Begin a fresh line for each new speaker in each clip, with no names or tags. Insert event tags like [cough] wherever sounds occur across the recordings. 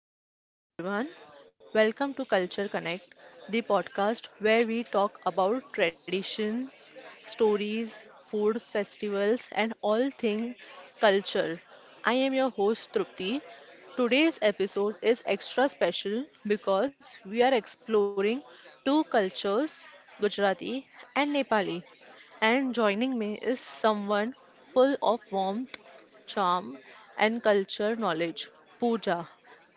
and came to everyone. Welcome to Culture Connect, the podcast where we talk about traditions, stories, food, festivals, and all things culture. I am your host, Trupti. Today's episode is extra special because we are exploring two cultures, Gujarati and Nepali. And joining me is someone full of warmth, charm, and culture knowledge, Pooja.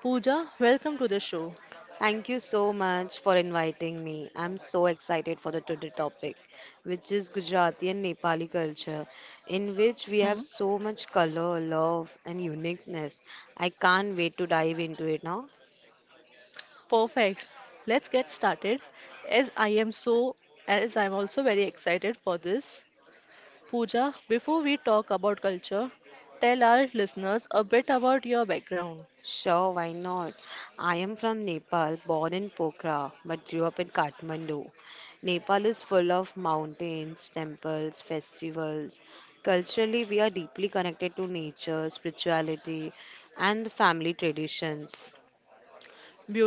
Pooja, welcome to the show.
Thank you so much for inviting me. I'm so excited for the today topic, which is Gujarati and Nepali culture, in which we have
Hmm,
so much color, love, and uniqueness. I can't wait to dive into it now.
perfect. Let's get started. As I am so, as I'm also very excited for this. Pooja, before we talk about culture, tell our listeners a bit about your background.
Sure, why not? I am from Nepal, born in Pokhara, but grew up in Kathmandu. Nepal is full of mountains, temples, festivals. Culturally, we are deeply connected to nature, spirituality, and family traditions.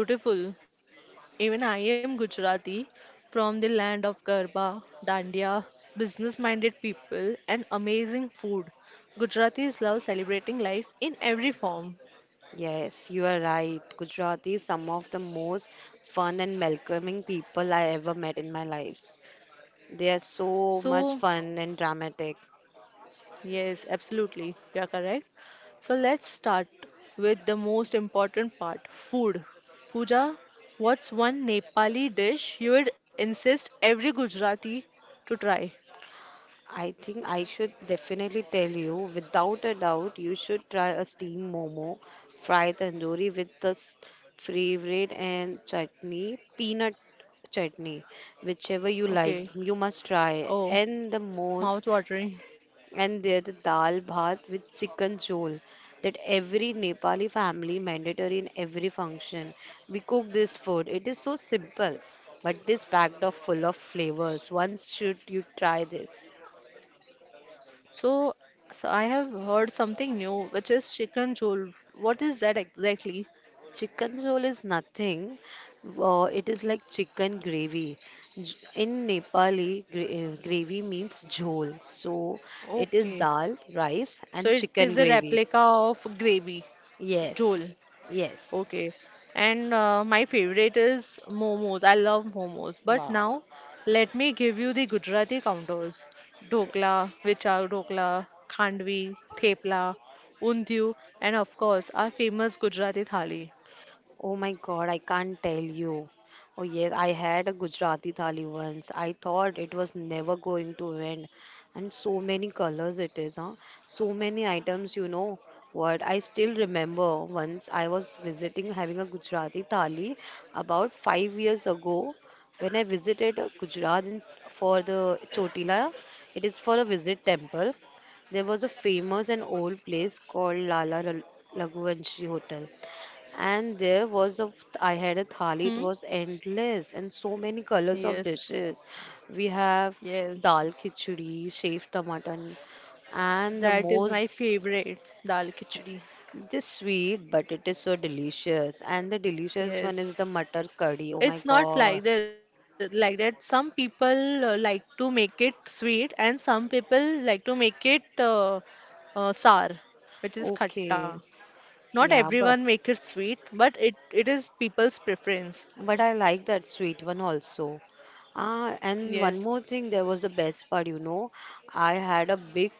Beautiful. Even I am Gujarati from the land of Garba, Dandiya, business minded people, and amazing food. Gujaratis love celebrating life in every form.
Yes, you are right. Gujarati is some of the most fun and welcoming people I ever met in my lives. They are so much
So,
fun and dramatic.
yes, absolutely, you are correct. So, let's start with the most important part food. Pooja, what's one Nepali dish you would insist every Gujarati to try?
I think I should definitely tell you, without a doubt, you should try a steamed momo, fried tandoori with the favorite and chutney, peanut chutney, whichever you like,
Okay.
you must try.
Oh,
And the most
mouth watering.
and there the dal bhat with chicken jhol that every Nepali family mandatory in every function. We cook this food. It is so simple, but it is packed of full of flavors. Once should you try this.
So, so, I have heard something new, which is chicken jhol. What is that exactly?
Chicken jhol is nothing. It is like chicken gravy. In Nepali, gravy means jhol. So it is
Okay.
dal, rice,
So
and
it
chicken
is a
gravy.
replica of gravy, jhol.
Yes. Yes.
Okay. And my favorite is momos. I love momos. But
Wow.
now, let me give you the Gujarati counters. Dokla,
Yes.
vichar dokla, khandvi, thepla, undhiyu, and of course, our famous Gujarati thali.
Oh my God, I can't tell you. Oh yes, I had a Gujarati thali once. I thought it was never going to end. And so many colors it is, huh? So many items, What I still remember once I was visiting having a Gujarati thali about 5 years ago when I visited Gujarat in, for the Chotila. It is for a visit temple. There was a famous and old place called Raghuvanshi Hotel. And there was a, I had a
Hmm?
thali, it was endless and so many colors of
Yes.
dishes. We have
Yes.
dal khichdi, shaved tomato, and the
That is my
most
favorite, dal khichdi.
this sweet, but it is so delicious. And the delicious one is the
Yes.
matar curry. Oh my
It's not
God.
like that, like that. Some people like to make it sweet and some people like to make it sour, which is khatta.
Okay.
Not
Yeah, but
everyone make it sweet, but it is people's preference.
I like that sweet one also. Ah, and one more
Yes.
thing, there was the best part, I had a big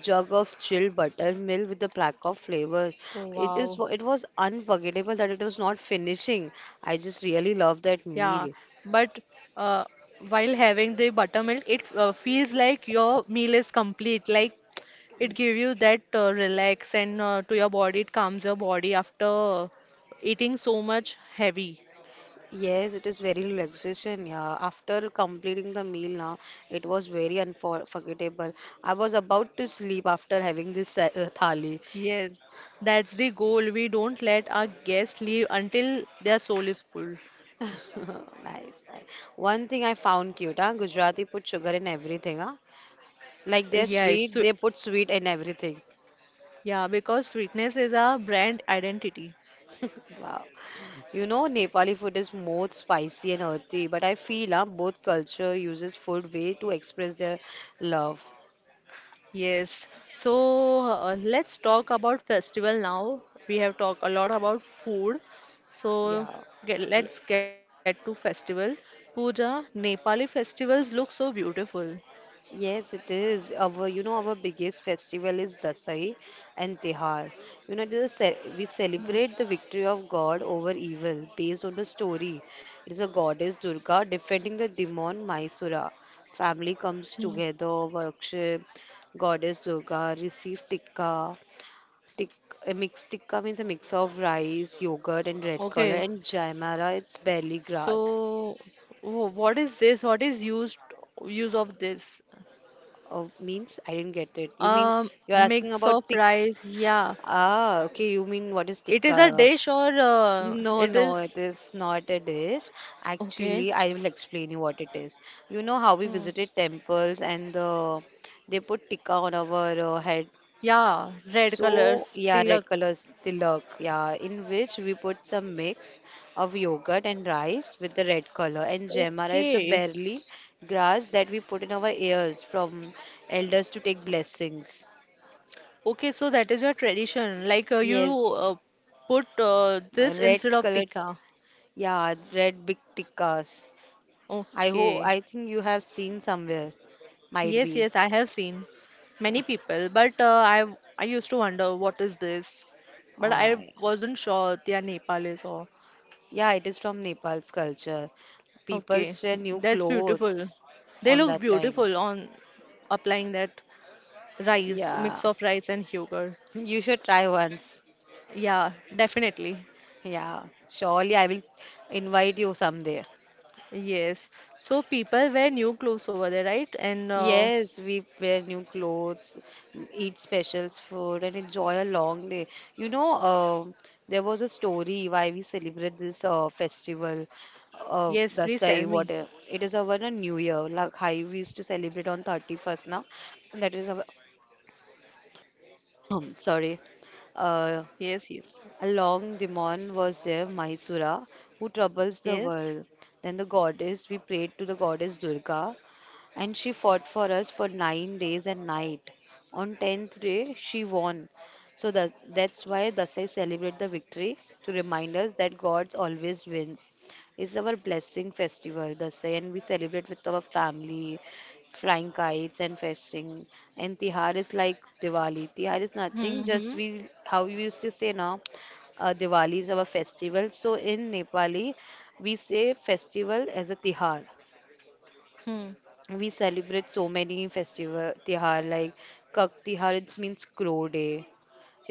jug of chilled buttermilk with a pack of flavors.
Oh,
It was
wow.
unforgettable that it was not finishing. I just really love that
Yeah.
meal.
But uh, while having the buttermilk, it feels like your meal is complete. Like it give you that relax, and to your body, it calms your body after eating so much heavy.
Yes, it is very relaxation. Yeah, after completing the meal now, it was very unforgettable. I was about to sleep after having this thali.
Yes, that's the goal. We don't let our guests leave until their soul is full.
[laughs] Nice. Nice. One thing I found cute, huh? Gujarati put sugar in everything, huh? Like they're
Yes,
sweet,
so,
they put sweet in everything.
yeah, because sweetness is our brand identity.
[laughs] Wow. You know, Nepali food is more spicy and earthy, but I feel both culture uses food way to express their love.
Yes. So let's talk about festival now. We have talked a lot about food. So
Yeah. Yeah.
let's get to festival. Puja, Nepali festivals look so beautiful.
Yes, it is. Our, our biggest festival is Dasai and Tihar. You know, it is a we celebrate the victory of God over evil based on the story. It is a goddess Durga defending the demon Mysura. Family comes together, worship. Goddess Durga receive tikka. Tik, a mixed tikka means a mix of rice, yogurt, and red color.
Okay,
And Jaimara, it's barley grass.
so what is this? What is use of this?
Means I didn't get it. You mean you're asking
Mix
about
of
tikka?
rice. Yeah,
Ah, okay. You mean what is
it is a
tikka?
dish or
No,
it
no,
is
it is not a dish.
okay.
Actually, I will explain you what it is. You know how we
Hmm.
visited temples they put tikka on our head.
Yeah, red color
So, yeah,
tilak.
red colors, tilak, yeah, in which we put some mix of yogurt and rice with the red color. And jemara is a
Okay,
barley grass that we put in our ears from elders to take blessings.
okay. So that is your tradition. Like you
Yes,
put this
red
instead of
color.
tikka.
Yeah, red big tickas. I hope
Okay.
I think you have seen somewhere. Might
Yes,
be.
yes, I have seen many people, but I used to wonder what is this, but
Uh,
I wasn't sure they are Nepalis or
yeah, it is from Nepal's culture. People
okay,
wear new
that's beautiful.
clothes
They
on
look
that time.
beautiful on applying that rice,
Yeah,
mix of rice and yogurt.
[laughs] you should try once.
Yeah, definitely.
Yeah, surely I will invite you someday.
Yes. So people wear new clothes over there, right? And
Yes, we wear new clothes, eat specials food, and enjoy a long day. You know, there was a story why we celebrate this festival,
yes, please tell
Dasai,
me.
what it is our New Year. Like how we used to celebrate on 31st now. That is our, [clears throat] sorry. Uh,
Yes, yes,
along Demon was there Mahisura, who troubles the
yes.
world. Then the goddess, we prayed to the goddess Durga, and she fought for us for 9 days and night. On tenth day, she won. So that's why Dasai celebrate the victory to remind us that God always wins. It's our blessing festival, Dasai, and we celebrate with our family, flying kites and festing. And Tihar is like Diwali. Tihar is nothing, just
Mm-hmm.
we how we used to say now, Diwali is our festival. So in Nepali, we say festival as a Tihar.
Hmm.
We celebrate so many festival tihar like kak tihar, it means crow day.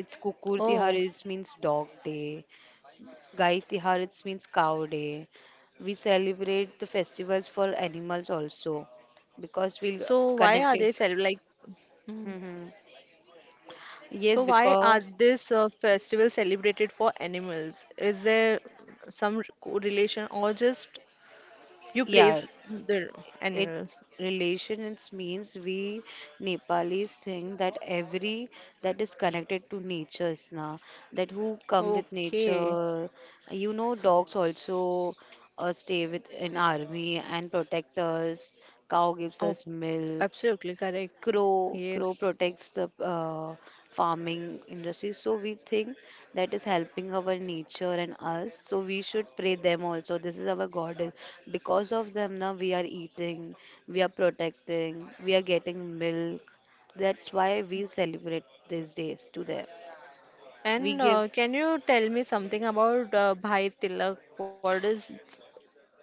It's kukur tihar,
Oh.
it means dog day. Gai tihar, it means cow day. We celebrate the festivals for animals also because we
So why
connect
are
it.
they cel like mm,
Hmm,
so
yes,
why are
because
this festival celebrated for animals? Is there some correlation or just you
yeah
praise the
it
animals?
relations means we Nepalis think that every that is connected to nature is na that who come with
Okay.
nature. You know dogs also stay with an army and protect us. Cow gives
Oh,
us milk.
absolutely correct.
Crow
Yes.
protects the farming industry. So we think that is helping our nature and us, so we should pray them also. This is our god because of them now we are eating, we are protecting, we are getting milk. That's why we celebrate these days to them. We
And
give.
can you tell me something about Bhai Tilak? What is.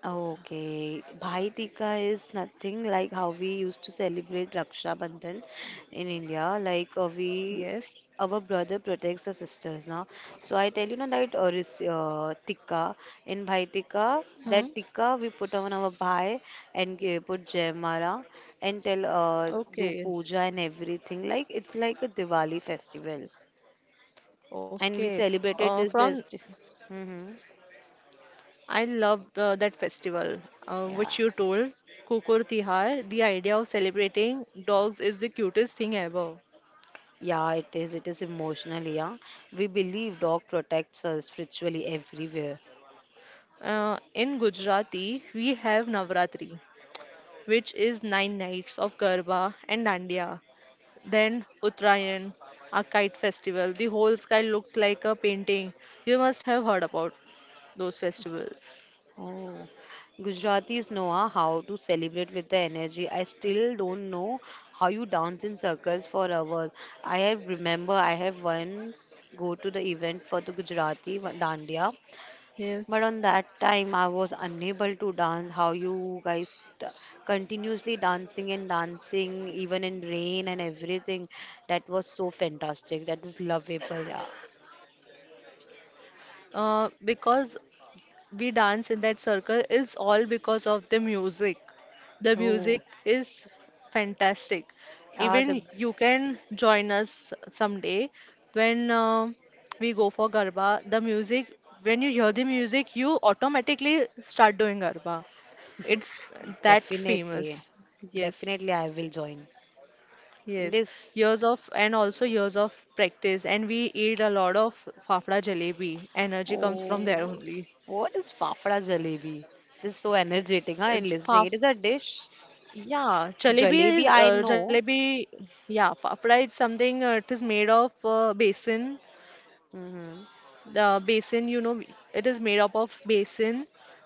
Okay, Bhai Tika is nothing like how we used to celebrate Raksha Bandhan in India.
Yes?
Our brother protects the sisters now. So I tell you now that Tika in Bhai Tika,
Hmm.
that Tika we put on our Bhai and put Jaimara and tell do
Okay.
puja and everything. Like it's like a Diwali festival, and we
Okay.
celebrated this.
From
this. Mm-hmm.
I love that festival
Yeah.
which you told, Kukur Tihar. The idea of celebrating dogs is the cutest thing ever.
Yeah, it is. It is emotional, yeah. We believe dog protects us spiritually everywhere.
In Gujarati, we have Navratri, which is nine nights of Garba and Dandiya. Then Uttarayan, a kite festival. The whole sky looks like a painting. You must have heard about those festivals.
Oh, Gujaratis know ah, how to celebrate with the energy. I still don't know how you dance in circles for hours. I have once go to the event for the dandiya.
Yes,
But on that time, I was unable to dance. How you guys t- continuously dancing and dancing, even in rain and everything. That was so fantastic. That is lovable. Yeah.
because we dance in that circle is all because of the music. The
Oh,
music is fantastic.
yeah, the
Even you can join us someday when we go for Garba. The music, when you hear the music, you automatically start doing Garba. It's that
definitely.
famous. Yes.
Definitely, I will join.
Yes,
This,
years of practice, and we eat a lot of fafda jalebi. Energy comes from there
oh,
only.
what is fafda jalebi? This is so energetic, huh,
It's
in
faf
listening. It is a dish.
Yeah, jalebi
Jalebi,
is
I know.
jalebi. Yeah, fafda is something. It is made of basin.
Hmm.
The basin, you know, it is made up of basin,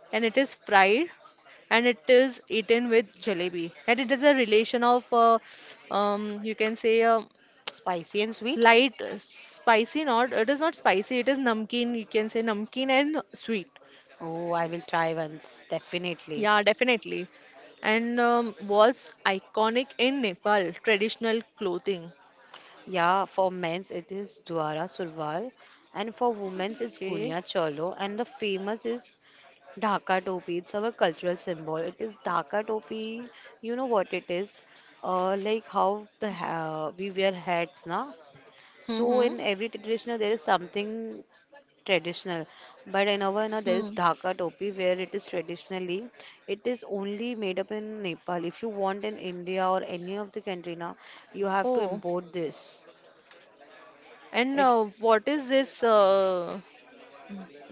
and it is fried, and it is eaten with jalebi. And it is a relation of, you can say,
Spicy and sweet.
light spicy. Not, it is not spicy. It is namkeen. You can say namkeen and sweet.
Oh, I will try once, definitely.
Yeah, definitely. And was iconic in Nepal traditional clothing.
Yeah, for men's it is Dwara Surwal, and for women's it's
Okay.
Gunya Cholo, and the famous is Dhaka Topi. It's our cultural symbol. It is Dhaka Topi. You know what it is? Like how the ha we wear hats, na? So
Mm-hmm.
in every traditional there is something traditional, but in our no, there is
Mm.
dhaka topi where it is traditionally it is only made up in Nepal. If you want in India or any of the country now, you have to
Oh,
import this
and
it.
what is this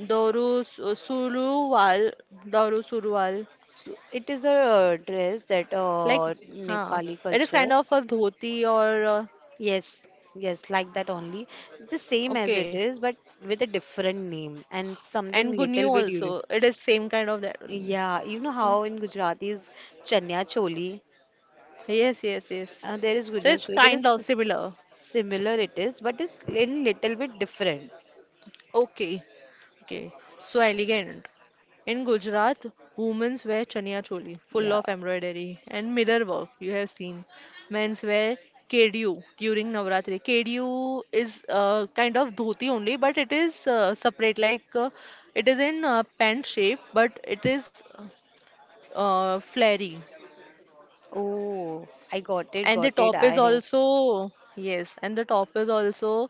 Suruwal? Doru Suruwal.
So it is a dress that
Like, huh.
Nepali
It is
culture.
kind of a dhoti or
Yes, yes, like that only. It's the same as it
okay.
is, but with a different name and something
And Gunyu
little bit unique.
also. It is same kind of that only.
Yeah, you know how in Gujarati is chanya choli,
Yes, yes, yes.
there is
So
gunyo
it's
choli. There
kind of
is
similar.
similar it is, but it's in little bit different.
Okay, okay. So elegant. In Gujarat, women wear chania choli, full
Yeah.
of embroidery and mirror work. You have seen. Men's wear kedu during Navratri. Kedu is kind of dhoti only, but it is separate. Like it is in pant shape, but it is flary.
Oh, I got it,
And the
got it.
top is
I have.
also, yes, and the top is also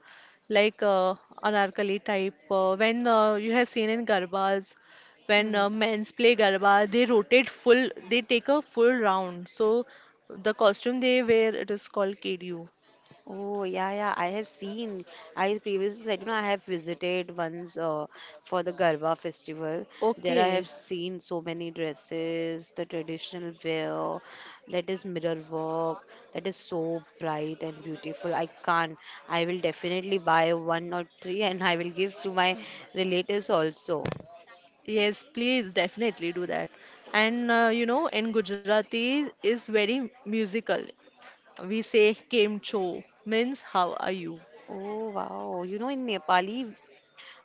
like anarkali type. When you have seen in garbas, when
Hmm.
men's play garba, they rotate full, they take a full round. So the costume they wear, it is called KDU.
Oh, yeah, yeah. I have seen. I previously said, you know, I have visited once for the Garba festival. There I
Okay.
have seen so many dresses, the traditional wear, that is mirror work, that is so bright and beautiful. I can't. I will definitely buy one or three, [laughs] and I will give to my relatives also.
Yes, please definitely do that. And you know, in Gujarati is very musical. We say "Kem cho" means how are you?
Oh wow. You know in Nepali,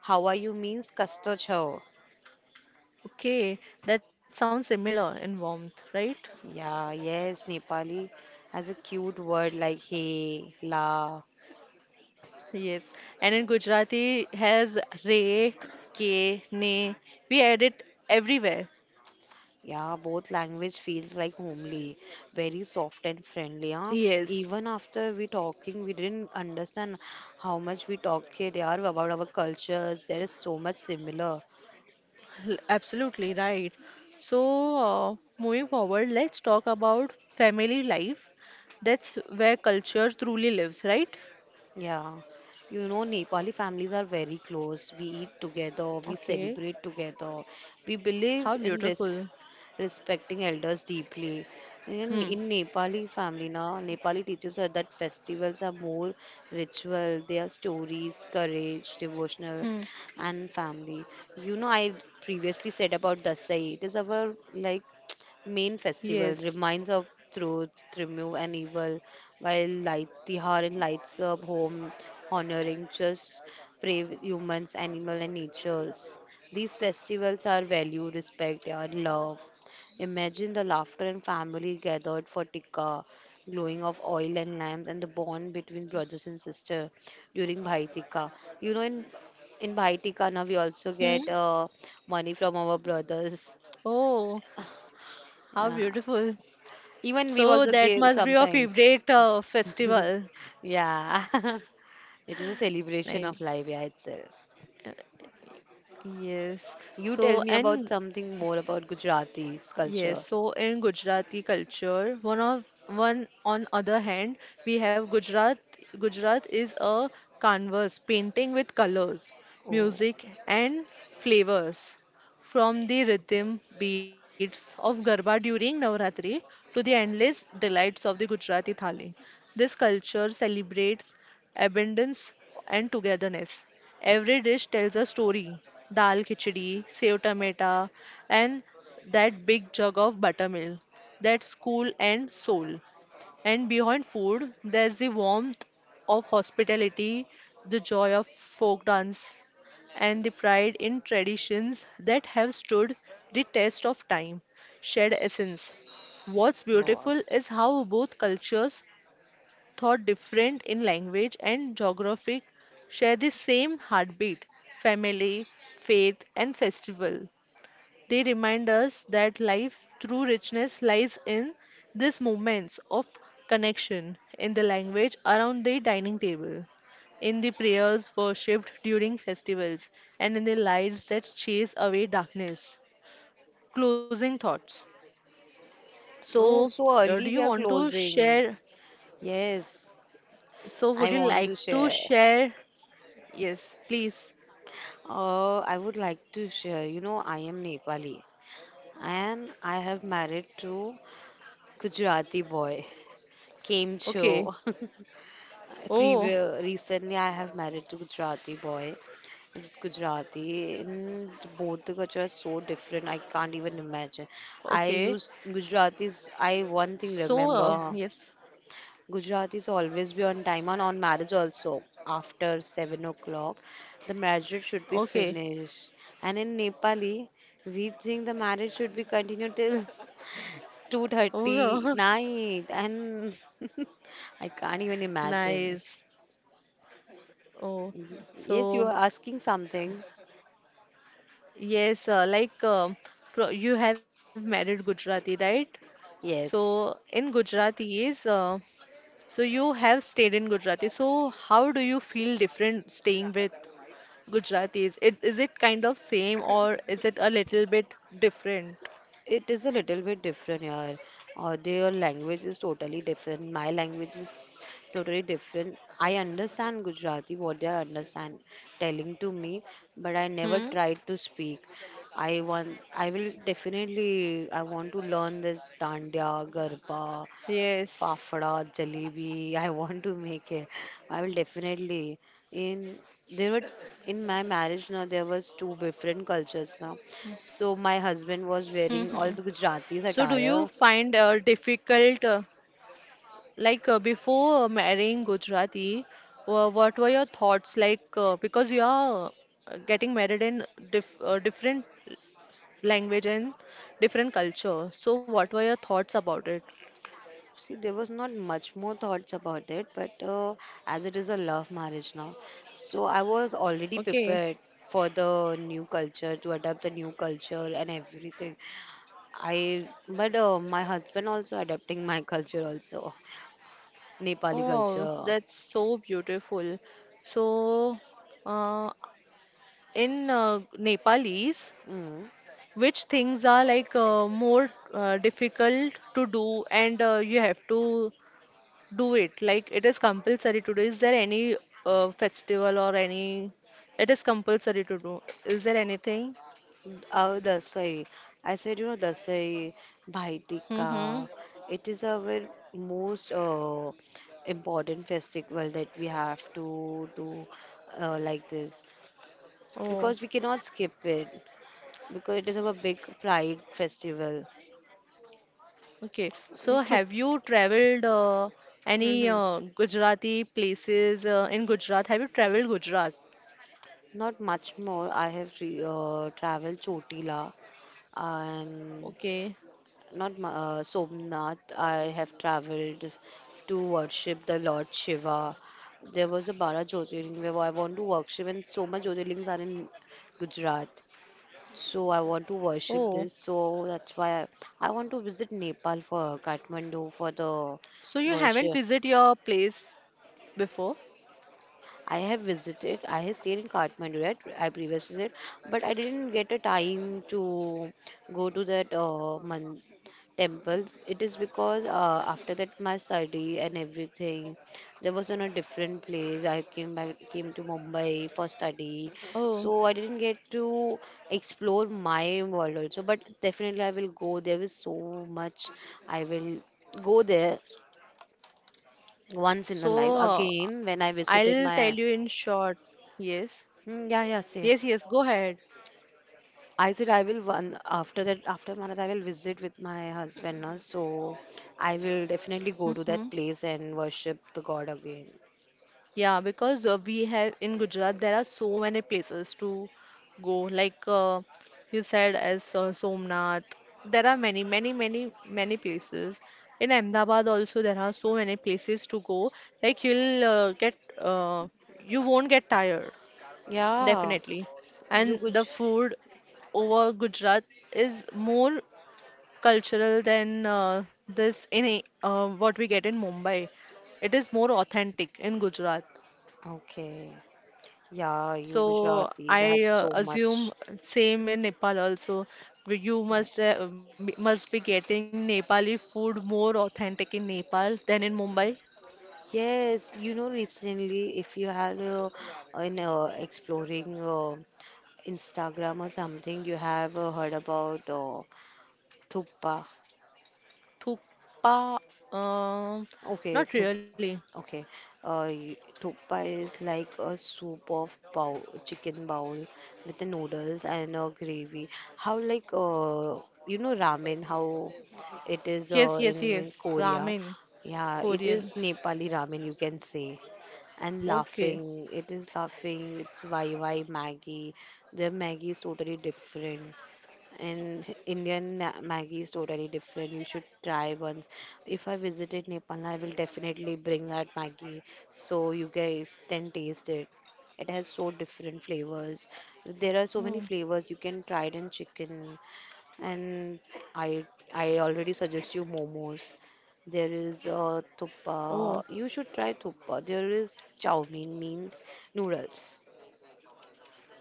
how are you means kasta chho.
Okay, that sounds similar in warmth, right?
Yeah, yes, Nepali has a cute word like hey, la.
Yes. And in Gujarati has re, ke, ne. We add it everywhere.
Yeah, both language feels like homely, very soft and friendly, huh?
Yes,
Even after we talking, we didn't understand how much we talk here they are about our cultures. There is so much similar.
absolutely right. So, moving forward, let's talk about family life. That's where culture truly lives, right?
Yeah. You know, Nepali families are very close. We eat together, we
Okay.
celebrate together. We believe
How
in
beautiful.
respecting elders deeply. In,
Hmm.
in Nepali family now, Nepali teaches us that festivals are more ritual, they are stories, courage, devotional,
Hmm.
and family. You know, I previously said about Dasai. It is our like [tsk] main festival,
Yes.
reminds of truth, remove and evil, while light the lights up home, honoring just brave humans, animal and natures. These festivals are value, respect, and love. Imagine the laughter and family gathered for tikka, glowing of oil and lamps, and the bond between brothers and sisters during Bhai Tikka. You know, in in Bhai Tikka now we also
Hmm.
get money from our brothers.
Oh, how
Yeah.
beautiful.
Even we
So
also
that
give
must be your
sometimes.
favorite festival.
[laughs] yeah, [laughs] it is a celebration of
Nice.
life, yeah itself.
Yes.
You tell
So
me about
and
something more about Gujarati's
yes,
culture.
so in Gujarati culture, one on other hand, we have Gujarat. Gujarat is a canvas painting with colors,
Oh,
music and flavors. From the rhythm beats of Garba during Navratri to the endless delights of the Gujarati Thali. This culture celebrates abundance and togetherness. Every dish tells a story. Dal khichdi, sev tomato, and that big jug of buttermilk. That's cool and soul. And beyond food, there's the warmth of hospitality, the joy of folk dance, and the pride in traditions that have stood the test of time, shared essence. What's
no.
beautiful is how both cultures, though different in language and geographic, share the same heartbeat, family, faith, and festival. They remind us that life's true richness lies in these moments of connection, in the language around the dining table, in the prayers worshipped during festivals, and in the lights that chase away darkness. Closing thoughts. So,
Oh, so
do you
early we
want
are
to share?
closing. Yes.
So,
I
would you
want
like
to
to
share.
share? Yes, please.
I would like to share. You know, I am Nepali and I have married to Gujarati boy, Came
Okay.
Cho. [laughs]
Oh,
Previous, recently, I have married to Gujarati boy. It's Gujarati, and both the culture are so different. I can't even
okay.
imagine. I used Gujaratis.
So,
I one thing
yes.
remember. Gujarat is always be on time and on marriage also. After 7 o'clock, the marriage should be
Okay.
finished. And in Nepali, we think the marriage should be continued till
Oh,
2:30 night. And [laughs] I can't even
[laughs]
imagine.
nice. Oh,
Yes, you
so
are asking something.
yes, like fro you have married Gujarati, right? So
Yes.
in Gujarati is so you have stayed in Gujarati. So how do you feel different staying with Gujaratis? It kind of same or is it a little bit different?
It is a little bit different here. Their language is totally different. My language is totally different. I understand Gujarati, what they understand telling to me, but I never
Hmm.
tried to speak. I want, I will definitely, I want to learn this dandiya, garba, fafda,
Yes.
jalebi. I want to make it. I will definitely. In there were in my marriage now there was two different cultures now. So my
Hmm.
husband
Hmm.
was wearing all the
So do you
Gujarati's
find
attire.
difficult? Like before marrying Gujarati, what were your thoughts like? Because you are getting married in different language and different culture. So, what were your thoughts about it?
See, there was not much more thoughts about it, but as it is a love marriage now, so I was already
Okay.
prepared for the new culture to adapt the new culture and everything. I but my husband also adapting my culture also, Nepali
Oh,
culture.
that's so beautiful. So, uh, in Nepalese,
Mm.
which things are like more difficult to do and you have to do it. Like it is compulsory to do. Is there any festival or any? It is compulsory to do. Is there anything?
Our Dasai. I said, you know, Dasai, Bhai Tikka.
Mm-hmm.
It is our most important festival that we have to do like this
Oh,
because we cannot skip it because it is our big pride festival.
okay. So
Eh,
have
through,
you traveled any
hmm,
Gujarati places in Gujarat? Have you traveled Gujarat?
not much more. I have re traveled Chotila and
Okay.
not Ma- Somnath. I have traveled to worship the Lord Shiva. There was a Bara Jyotirling where I want to worship, and so much Jyotirlings are in Gujarat. So I want to
Oh,
worship this. So that's why I want to visit Nepal for Kathmandu for the
so you haven't
worship.
visited your place before?
I have visited, I have stayed in Kathmandu, right? I previously said, but I didn't get a time to go to that man temple. It is because after that my study and everything, there was on a different place. I came back, came to Mumbai for study,
Oh,
so I didn't get to explore my world also. But definitely I will go. There is so much I will go there once in
so
a life again when I visited
I'll tell
my.
you in short. Yes.
Hmm, yeah, yeah, say.
Yes, yes, go ahead.
I said I will one after that after Manat I will visit with my husband now, so I will definitely go to that
Mm-hmm.
place and worship the God again.
Yeah, because we have in Gujarat there are so many places to go. Like you said, as Somnath, there are many, many, many, many places. In Ahmedabad also there are so many places to go. Like you'll uh, get, uh, you won't get tired,
Yeah,
definitely.
you
And the
Guj.
food over Gujarat is more cultural than this what we get in Mumbai. It is more authentic in Gujarat.
Okay, yeah, you
So
Gujaratis have
I
so
assume
much.
same in Nepal also. Where you must
Yes.
must be getting Nepali food more authentic in Nepal than in Mumbai.
Yes, you know, recently, if you have in exploring Instagram or something, you have heard about Thuppa.
Thukpa, um
Okay,
not
Thuppa.
really.
Okay. Thoppa is like a soup of bowl, chicken bowl with the noodles and a gravy. How like you know ramen? How it is
Yes, yes,
in
yes.
Korea?
Ramen,
Yeah, it
Korean.
is Nepali ramen you can say. And
Okay.
laughing, it is laughing. It's YY Maggie. Their Maggie is totally different. And Indian Maggi is totally different. You should try once. If I visited Nepal, I will definitely bring that Maggi so you guys can taste it. It has so different flavors. There are so many
Oh,
flavors you can try it in chicken. And I I already suggest you momos. There is
oh,
thuppa. You should try thuppa. There is chow mein means noodles.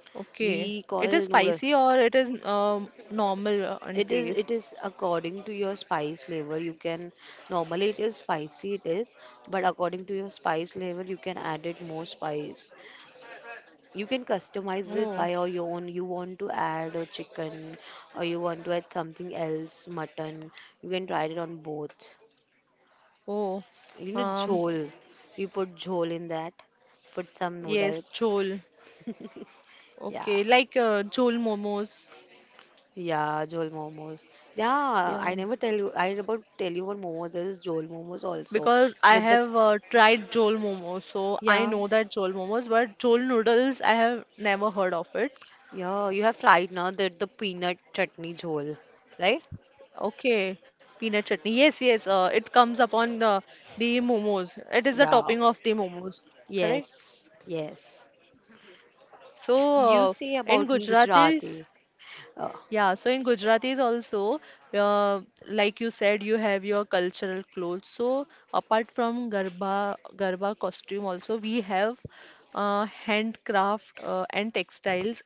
okay.
We
It is
call noodle.
spicy or it is normal in
It is
taste?
it is according to your spice level. You can normally it is spicy it is, but according to your spice level you can add it more spice. You can customize it by
Oh,
your own. You want to add a chicken or you want to add something else, mutton. You can try it on both.
oh.
You know,
Um,
jhol. You put jhol in that. Put some
yes,
noodles.
chol.
[laughs] Yeah.
Okay, like chol momos.
Yeah, Jol Momos. Yeah, I
Yeah,
never tell you. I about tell you what momos there is. Jol Momos also
because I
with the
have tried Jol momos, so I
yeah,
know that Jol momos, but Jol noodles I have never heard of it.
yeah. You have tried now that the peanut chutney jol, right?
Okay, peanut chutney. Yes, yes, it comes upon the momos. It is the
Yeah.
topping of the momos, correct?
Yes. Yes. You
So uh,
say
in
about me
Gujarat is
Gujarati. Uh,
Yeah, so in Gujaratis also, uh, like you said, you have your cultural clothes. So apart from Garba, Garba costume also, we have handcraft and textiles.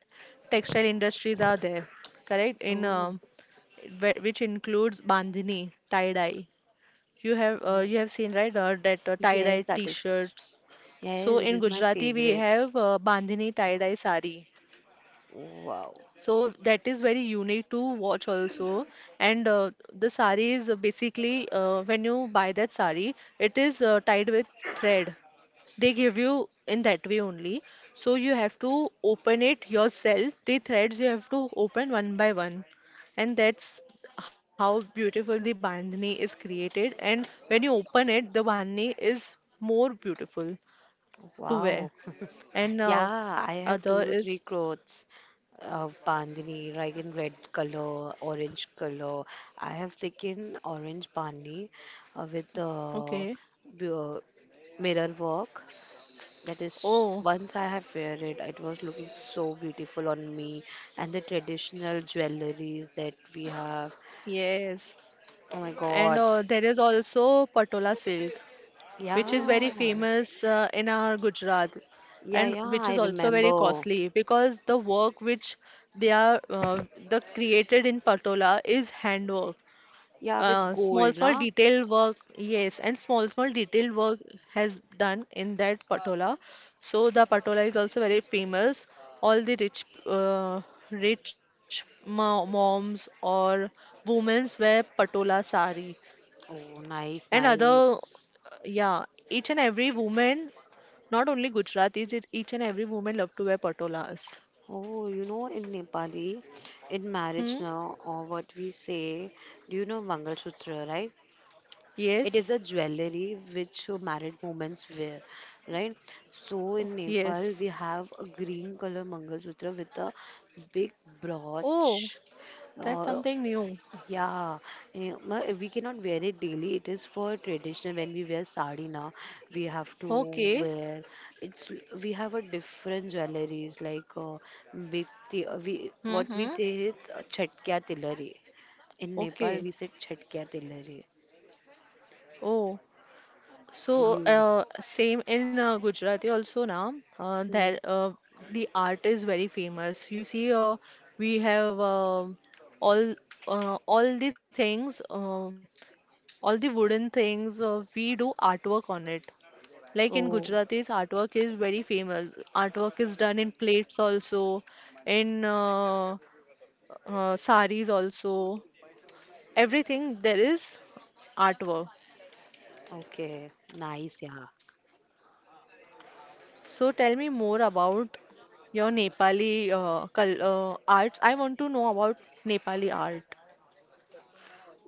Textile industries are there, correct?
oh,
Which includes bandhani, tie-dye.
oh,
You have seen, right? That
yes,
Tie-dye
that is.
t-shirts.
Yes,
So
it
in
is my
Gujarati we
favorite.
have bandhani tie-dye sari.
Wow.
So that is very unique to watch also. And the sari is basically, when you buy that sari, it is tied with thread. They give you in that way only. So you have to open it yourself. The threads you have to open one by one. And that's how beautiful the bandhani is created. And when you open it, the bandhani is more beautiful to
Wow.
wear. And
[laughs] Yeah, I have
other
two to three
is
clothes of bandhani, like in red color, orange color. I have taken orange bandhani with
okay.
b- uh, mirror work. That is,
Oh,
once I have wear it, it was looking so beautiful on me. And the traditional jewelries that we have.
yes.
Oh my
And
God.
there is also Patola silk,
Yeah.
which is very famous in our Gujarat,
Yeah,
and
yeah,
which
I
is also very
remember.
costly because the work which they are the created in Patola is handwork.
Yeah, with
Small,
gold,
small
na?
detailed work, yes, and small, small detailed work has done in that Patola. So the Patola is also very famous. All the rich, rich mo moms or women wear Patola sari
Oh,
and
nice,
other,
nice.
yeah, each and every woman, not only Gujaratis, it's each and every woman love to wear patolas.
Oh, you know, in Nepali, in marriage
Hmm?
now, or what we say, do you know Mangal Sutra, right? It
Yes,
is a jewelry which married women wear, right? So in Nepal,
yes.
we have a green color Mangal Sutra with a big
Oh,
brooch.
that's
Uh,
something new.
yeah, we cannot wear it daily. It is for traditional. When we wear sari now, we have to
Okay.
wear. It's we have a different jewelries like we what we
Mm-hmm.
say is chatkiya tilari. In Nepal,
Okay.
we said chatkiya tilari.
Oh, so
You.
same in Gujarati also now. Uh,
Hmm.
there, uh, the art is very famous. You see, we have all, all the things. All the wooden things, we do artwork on it. Like in
Oh,
gujaratis, artwork is very famous. Artwork is done in plates also, in saris also. Everything, there is artwork.
okay. Nice, yeah.
So tell me more about your nepali arts. I want to know about nepali art.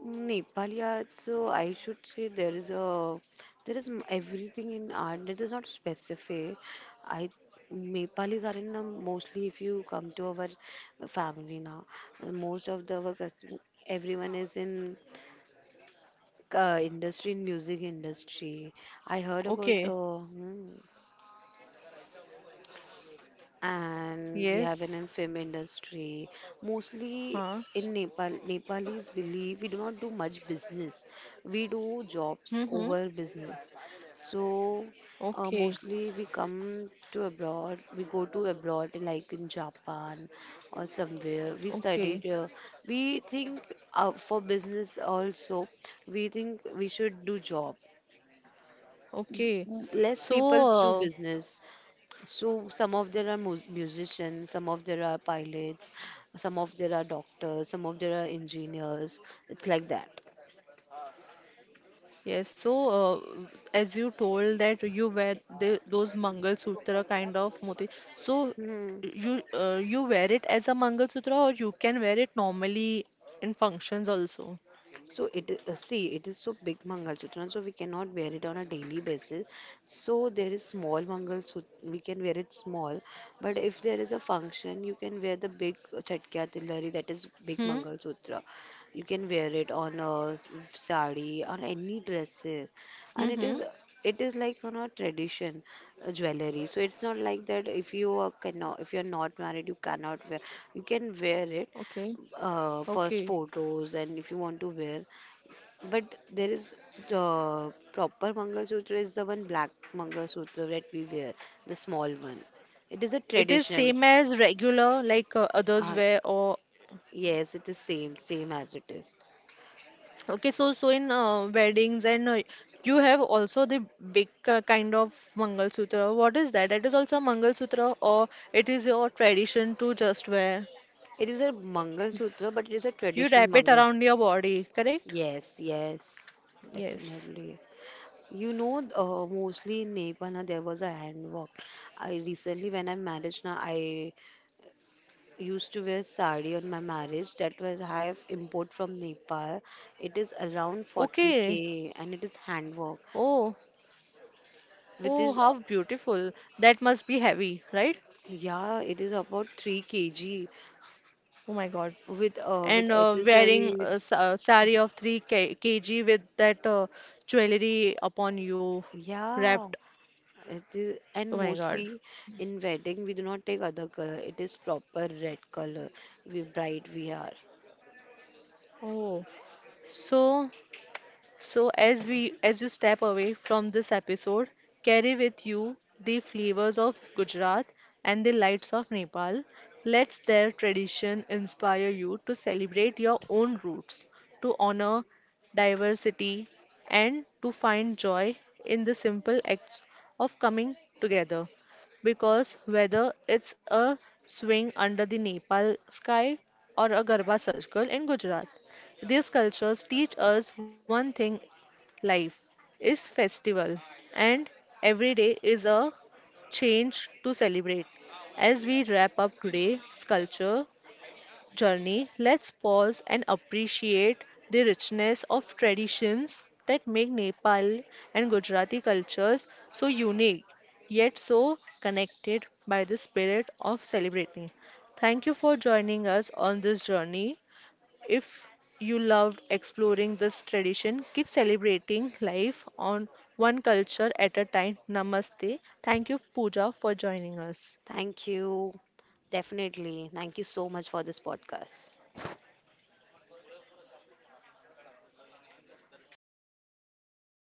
Nepali arts, so I should say there is a there is everything in art that is not specific. I Nepalis are in mostly if you come to our family now, most of the our everyone is in industry in music industry. I heard about
Okay.
and we have an
Yes.
in film industry. Mostly
Huh.
in Nepal, Nepalis believe we do not do much business. We do jobs
Mm-hmm.
over business. So
Okay.
mostly we come to abroad. We go to abroad like in Japan or somewhere. We
Okay.
studied. We think for business also. We think we should do job.
Okay.
Less people do
So, uh,
business. So some of there are musicians, some of there are pilots, some of there are doctors, some of there are engineers. It's like that.
yes. So as you told that you wear the, those Mangalsutra kind of moti, so
Hmm.
you you wear it as a Mangalsutra, or you can wear it normally in functions also?
So see it is so big Mangal Sutra, so we cannot wear it on a daily basis. So there is small Mangal Sutra, we can wear it small, but if there is a function, you can wear the big Chatkiya Tillari, that is big
Hmm.
Mangal Sutra. You can wear it on a sari, on any dresses,
Hmm, hmm.
and it is like on a tradition jewelry. So it's not like that if you are cannot if you're not married, you cannot wear. You can wear it
Okay.
first
Okay.
photos and if you want to wear but there is the proper Mangalsutra is the one black Mangalsutra that we wear, the small one. It is a
It is
tradition.
same as regular like others
Uh,
wear, or?
yes, it is same, same as it is.
Okay, so so in weddings and you have also the big kind of Mangal Sutra. What is that? That is also a Mangal Sutra, or it is your tradition to just wear?
It is a Mangalsutra, but it is a
You
traditional
wrap it
Mangal.
around your body, correct?
Yes, yes,
Yes.
definitely. You know, mostly in Nepal, na, there was a hand work. I recently, when I married, na, I used to wear sari on my marriage that was high import from Nepal. It is around
Okay.
40K and it is handwork,
Oh, oh,
which is
how beautiful. That must be heavy, right?
yeah, it is about 3 kg
Oh my God.
with
And wearing
accessory.
a saree of 3 K kg with that jewelry upon you
Yeah,
wrapped.
it is
Oh
and
my God.
mostly in wedding we do not take other color. It is proper red color. We bright we are.
Oh. So, so as we as you step away from this episode, carry with you the flavors of Gujarat and the lights of Nepal. Let their tradition inspire you to celebrate your own roots, to honor diversity and to find joy in the simple acts of coming together. Because whether it's a swing under the Nepal sky or a Garba circle in Gujarat, these cultures teach us one thing: life is festival, and every day is a change to celebrate. As we wrap up today's culture journey, let's pause and appreciate the richness of traditions that make Nepal and Gujarati cultures so unique, yet so connected by the spirit of celebrating. Thank you for joining us on this journey. If you loved exploring this tradition, keep celebrating life on one culture at a time. Namaste. Thank you, Pooja, for joining us.
Thank you. Definitely. Thank you so much for this podcast.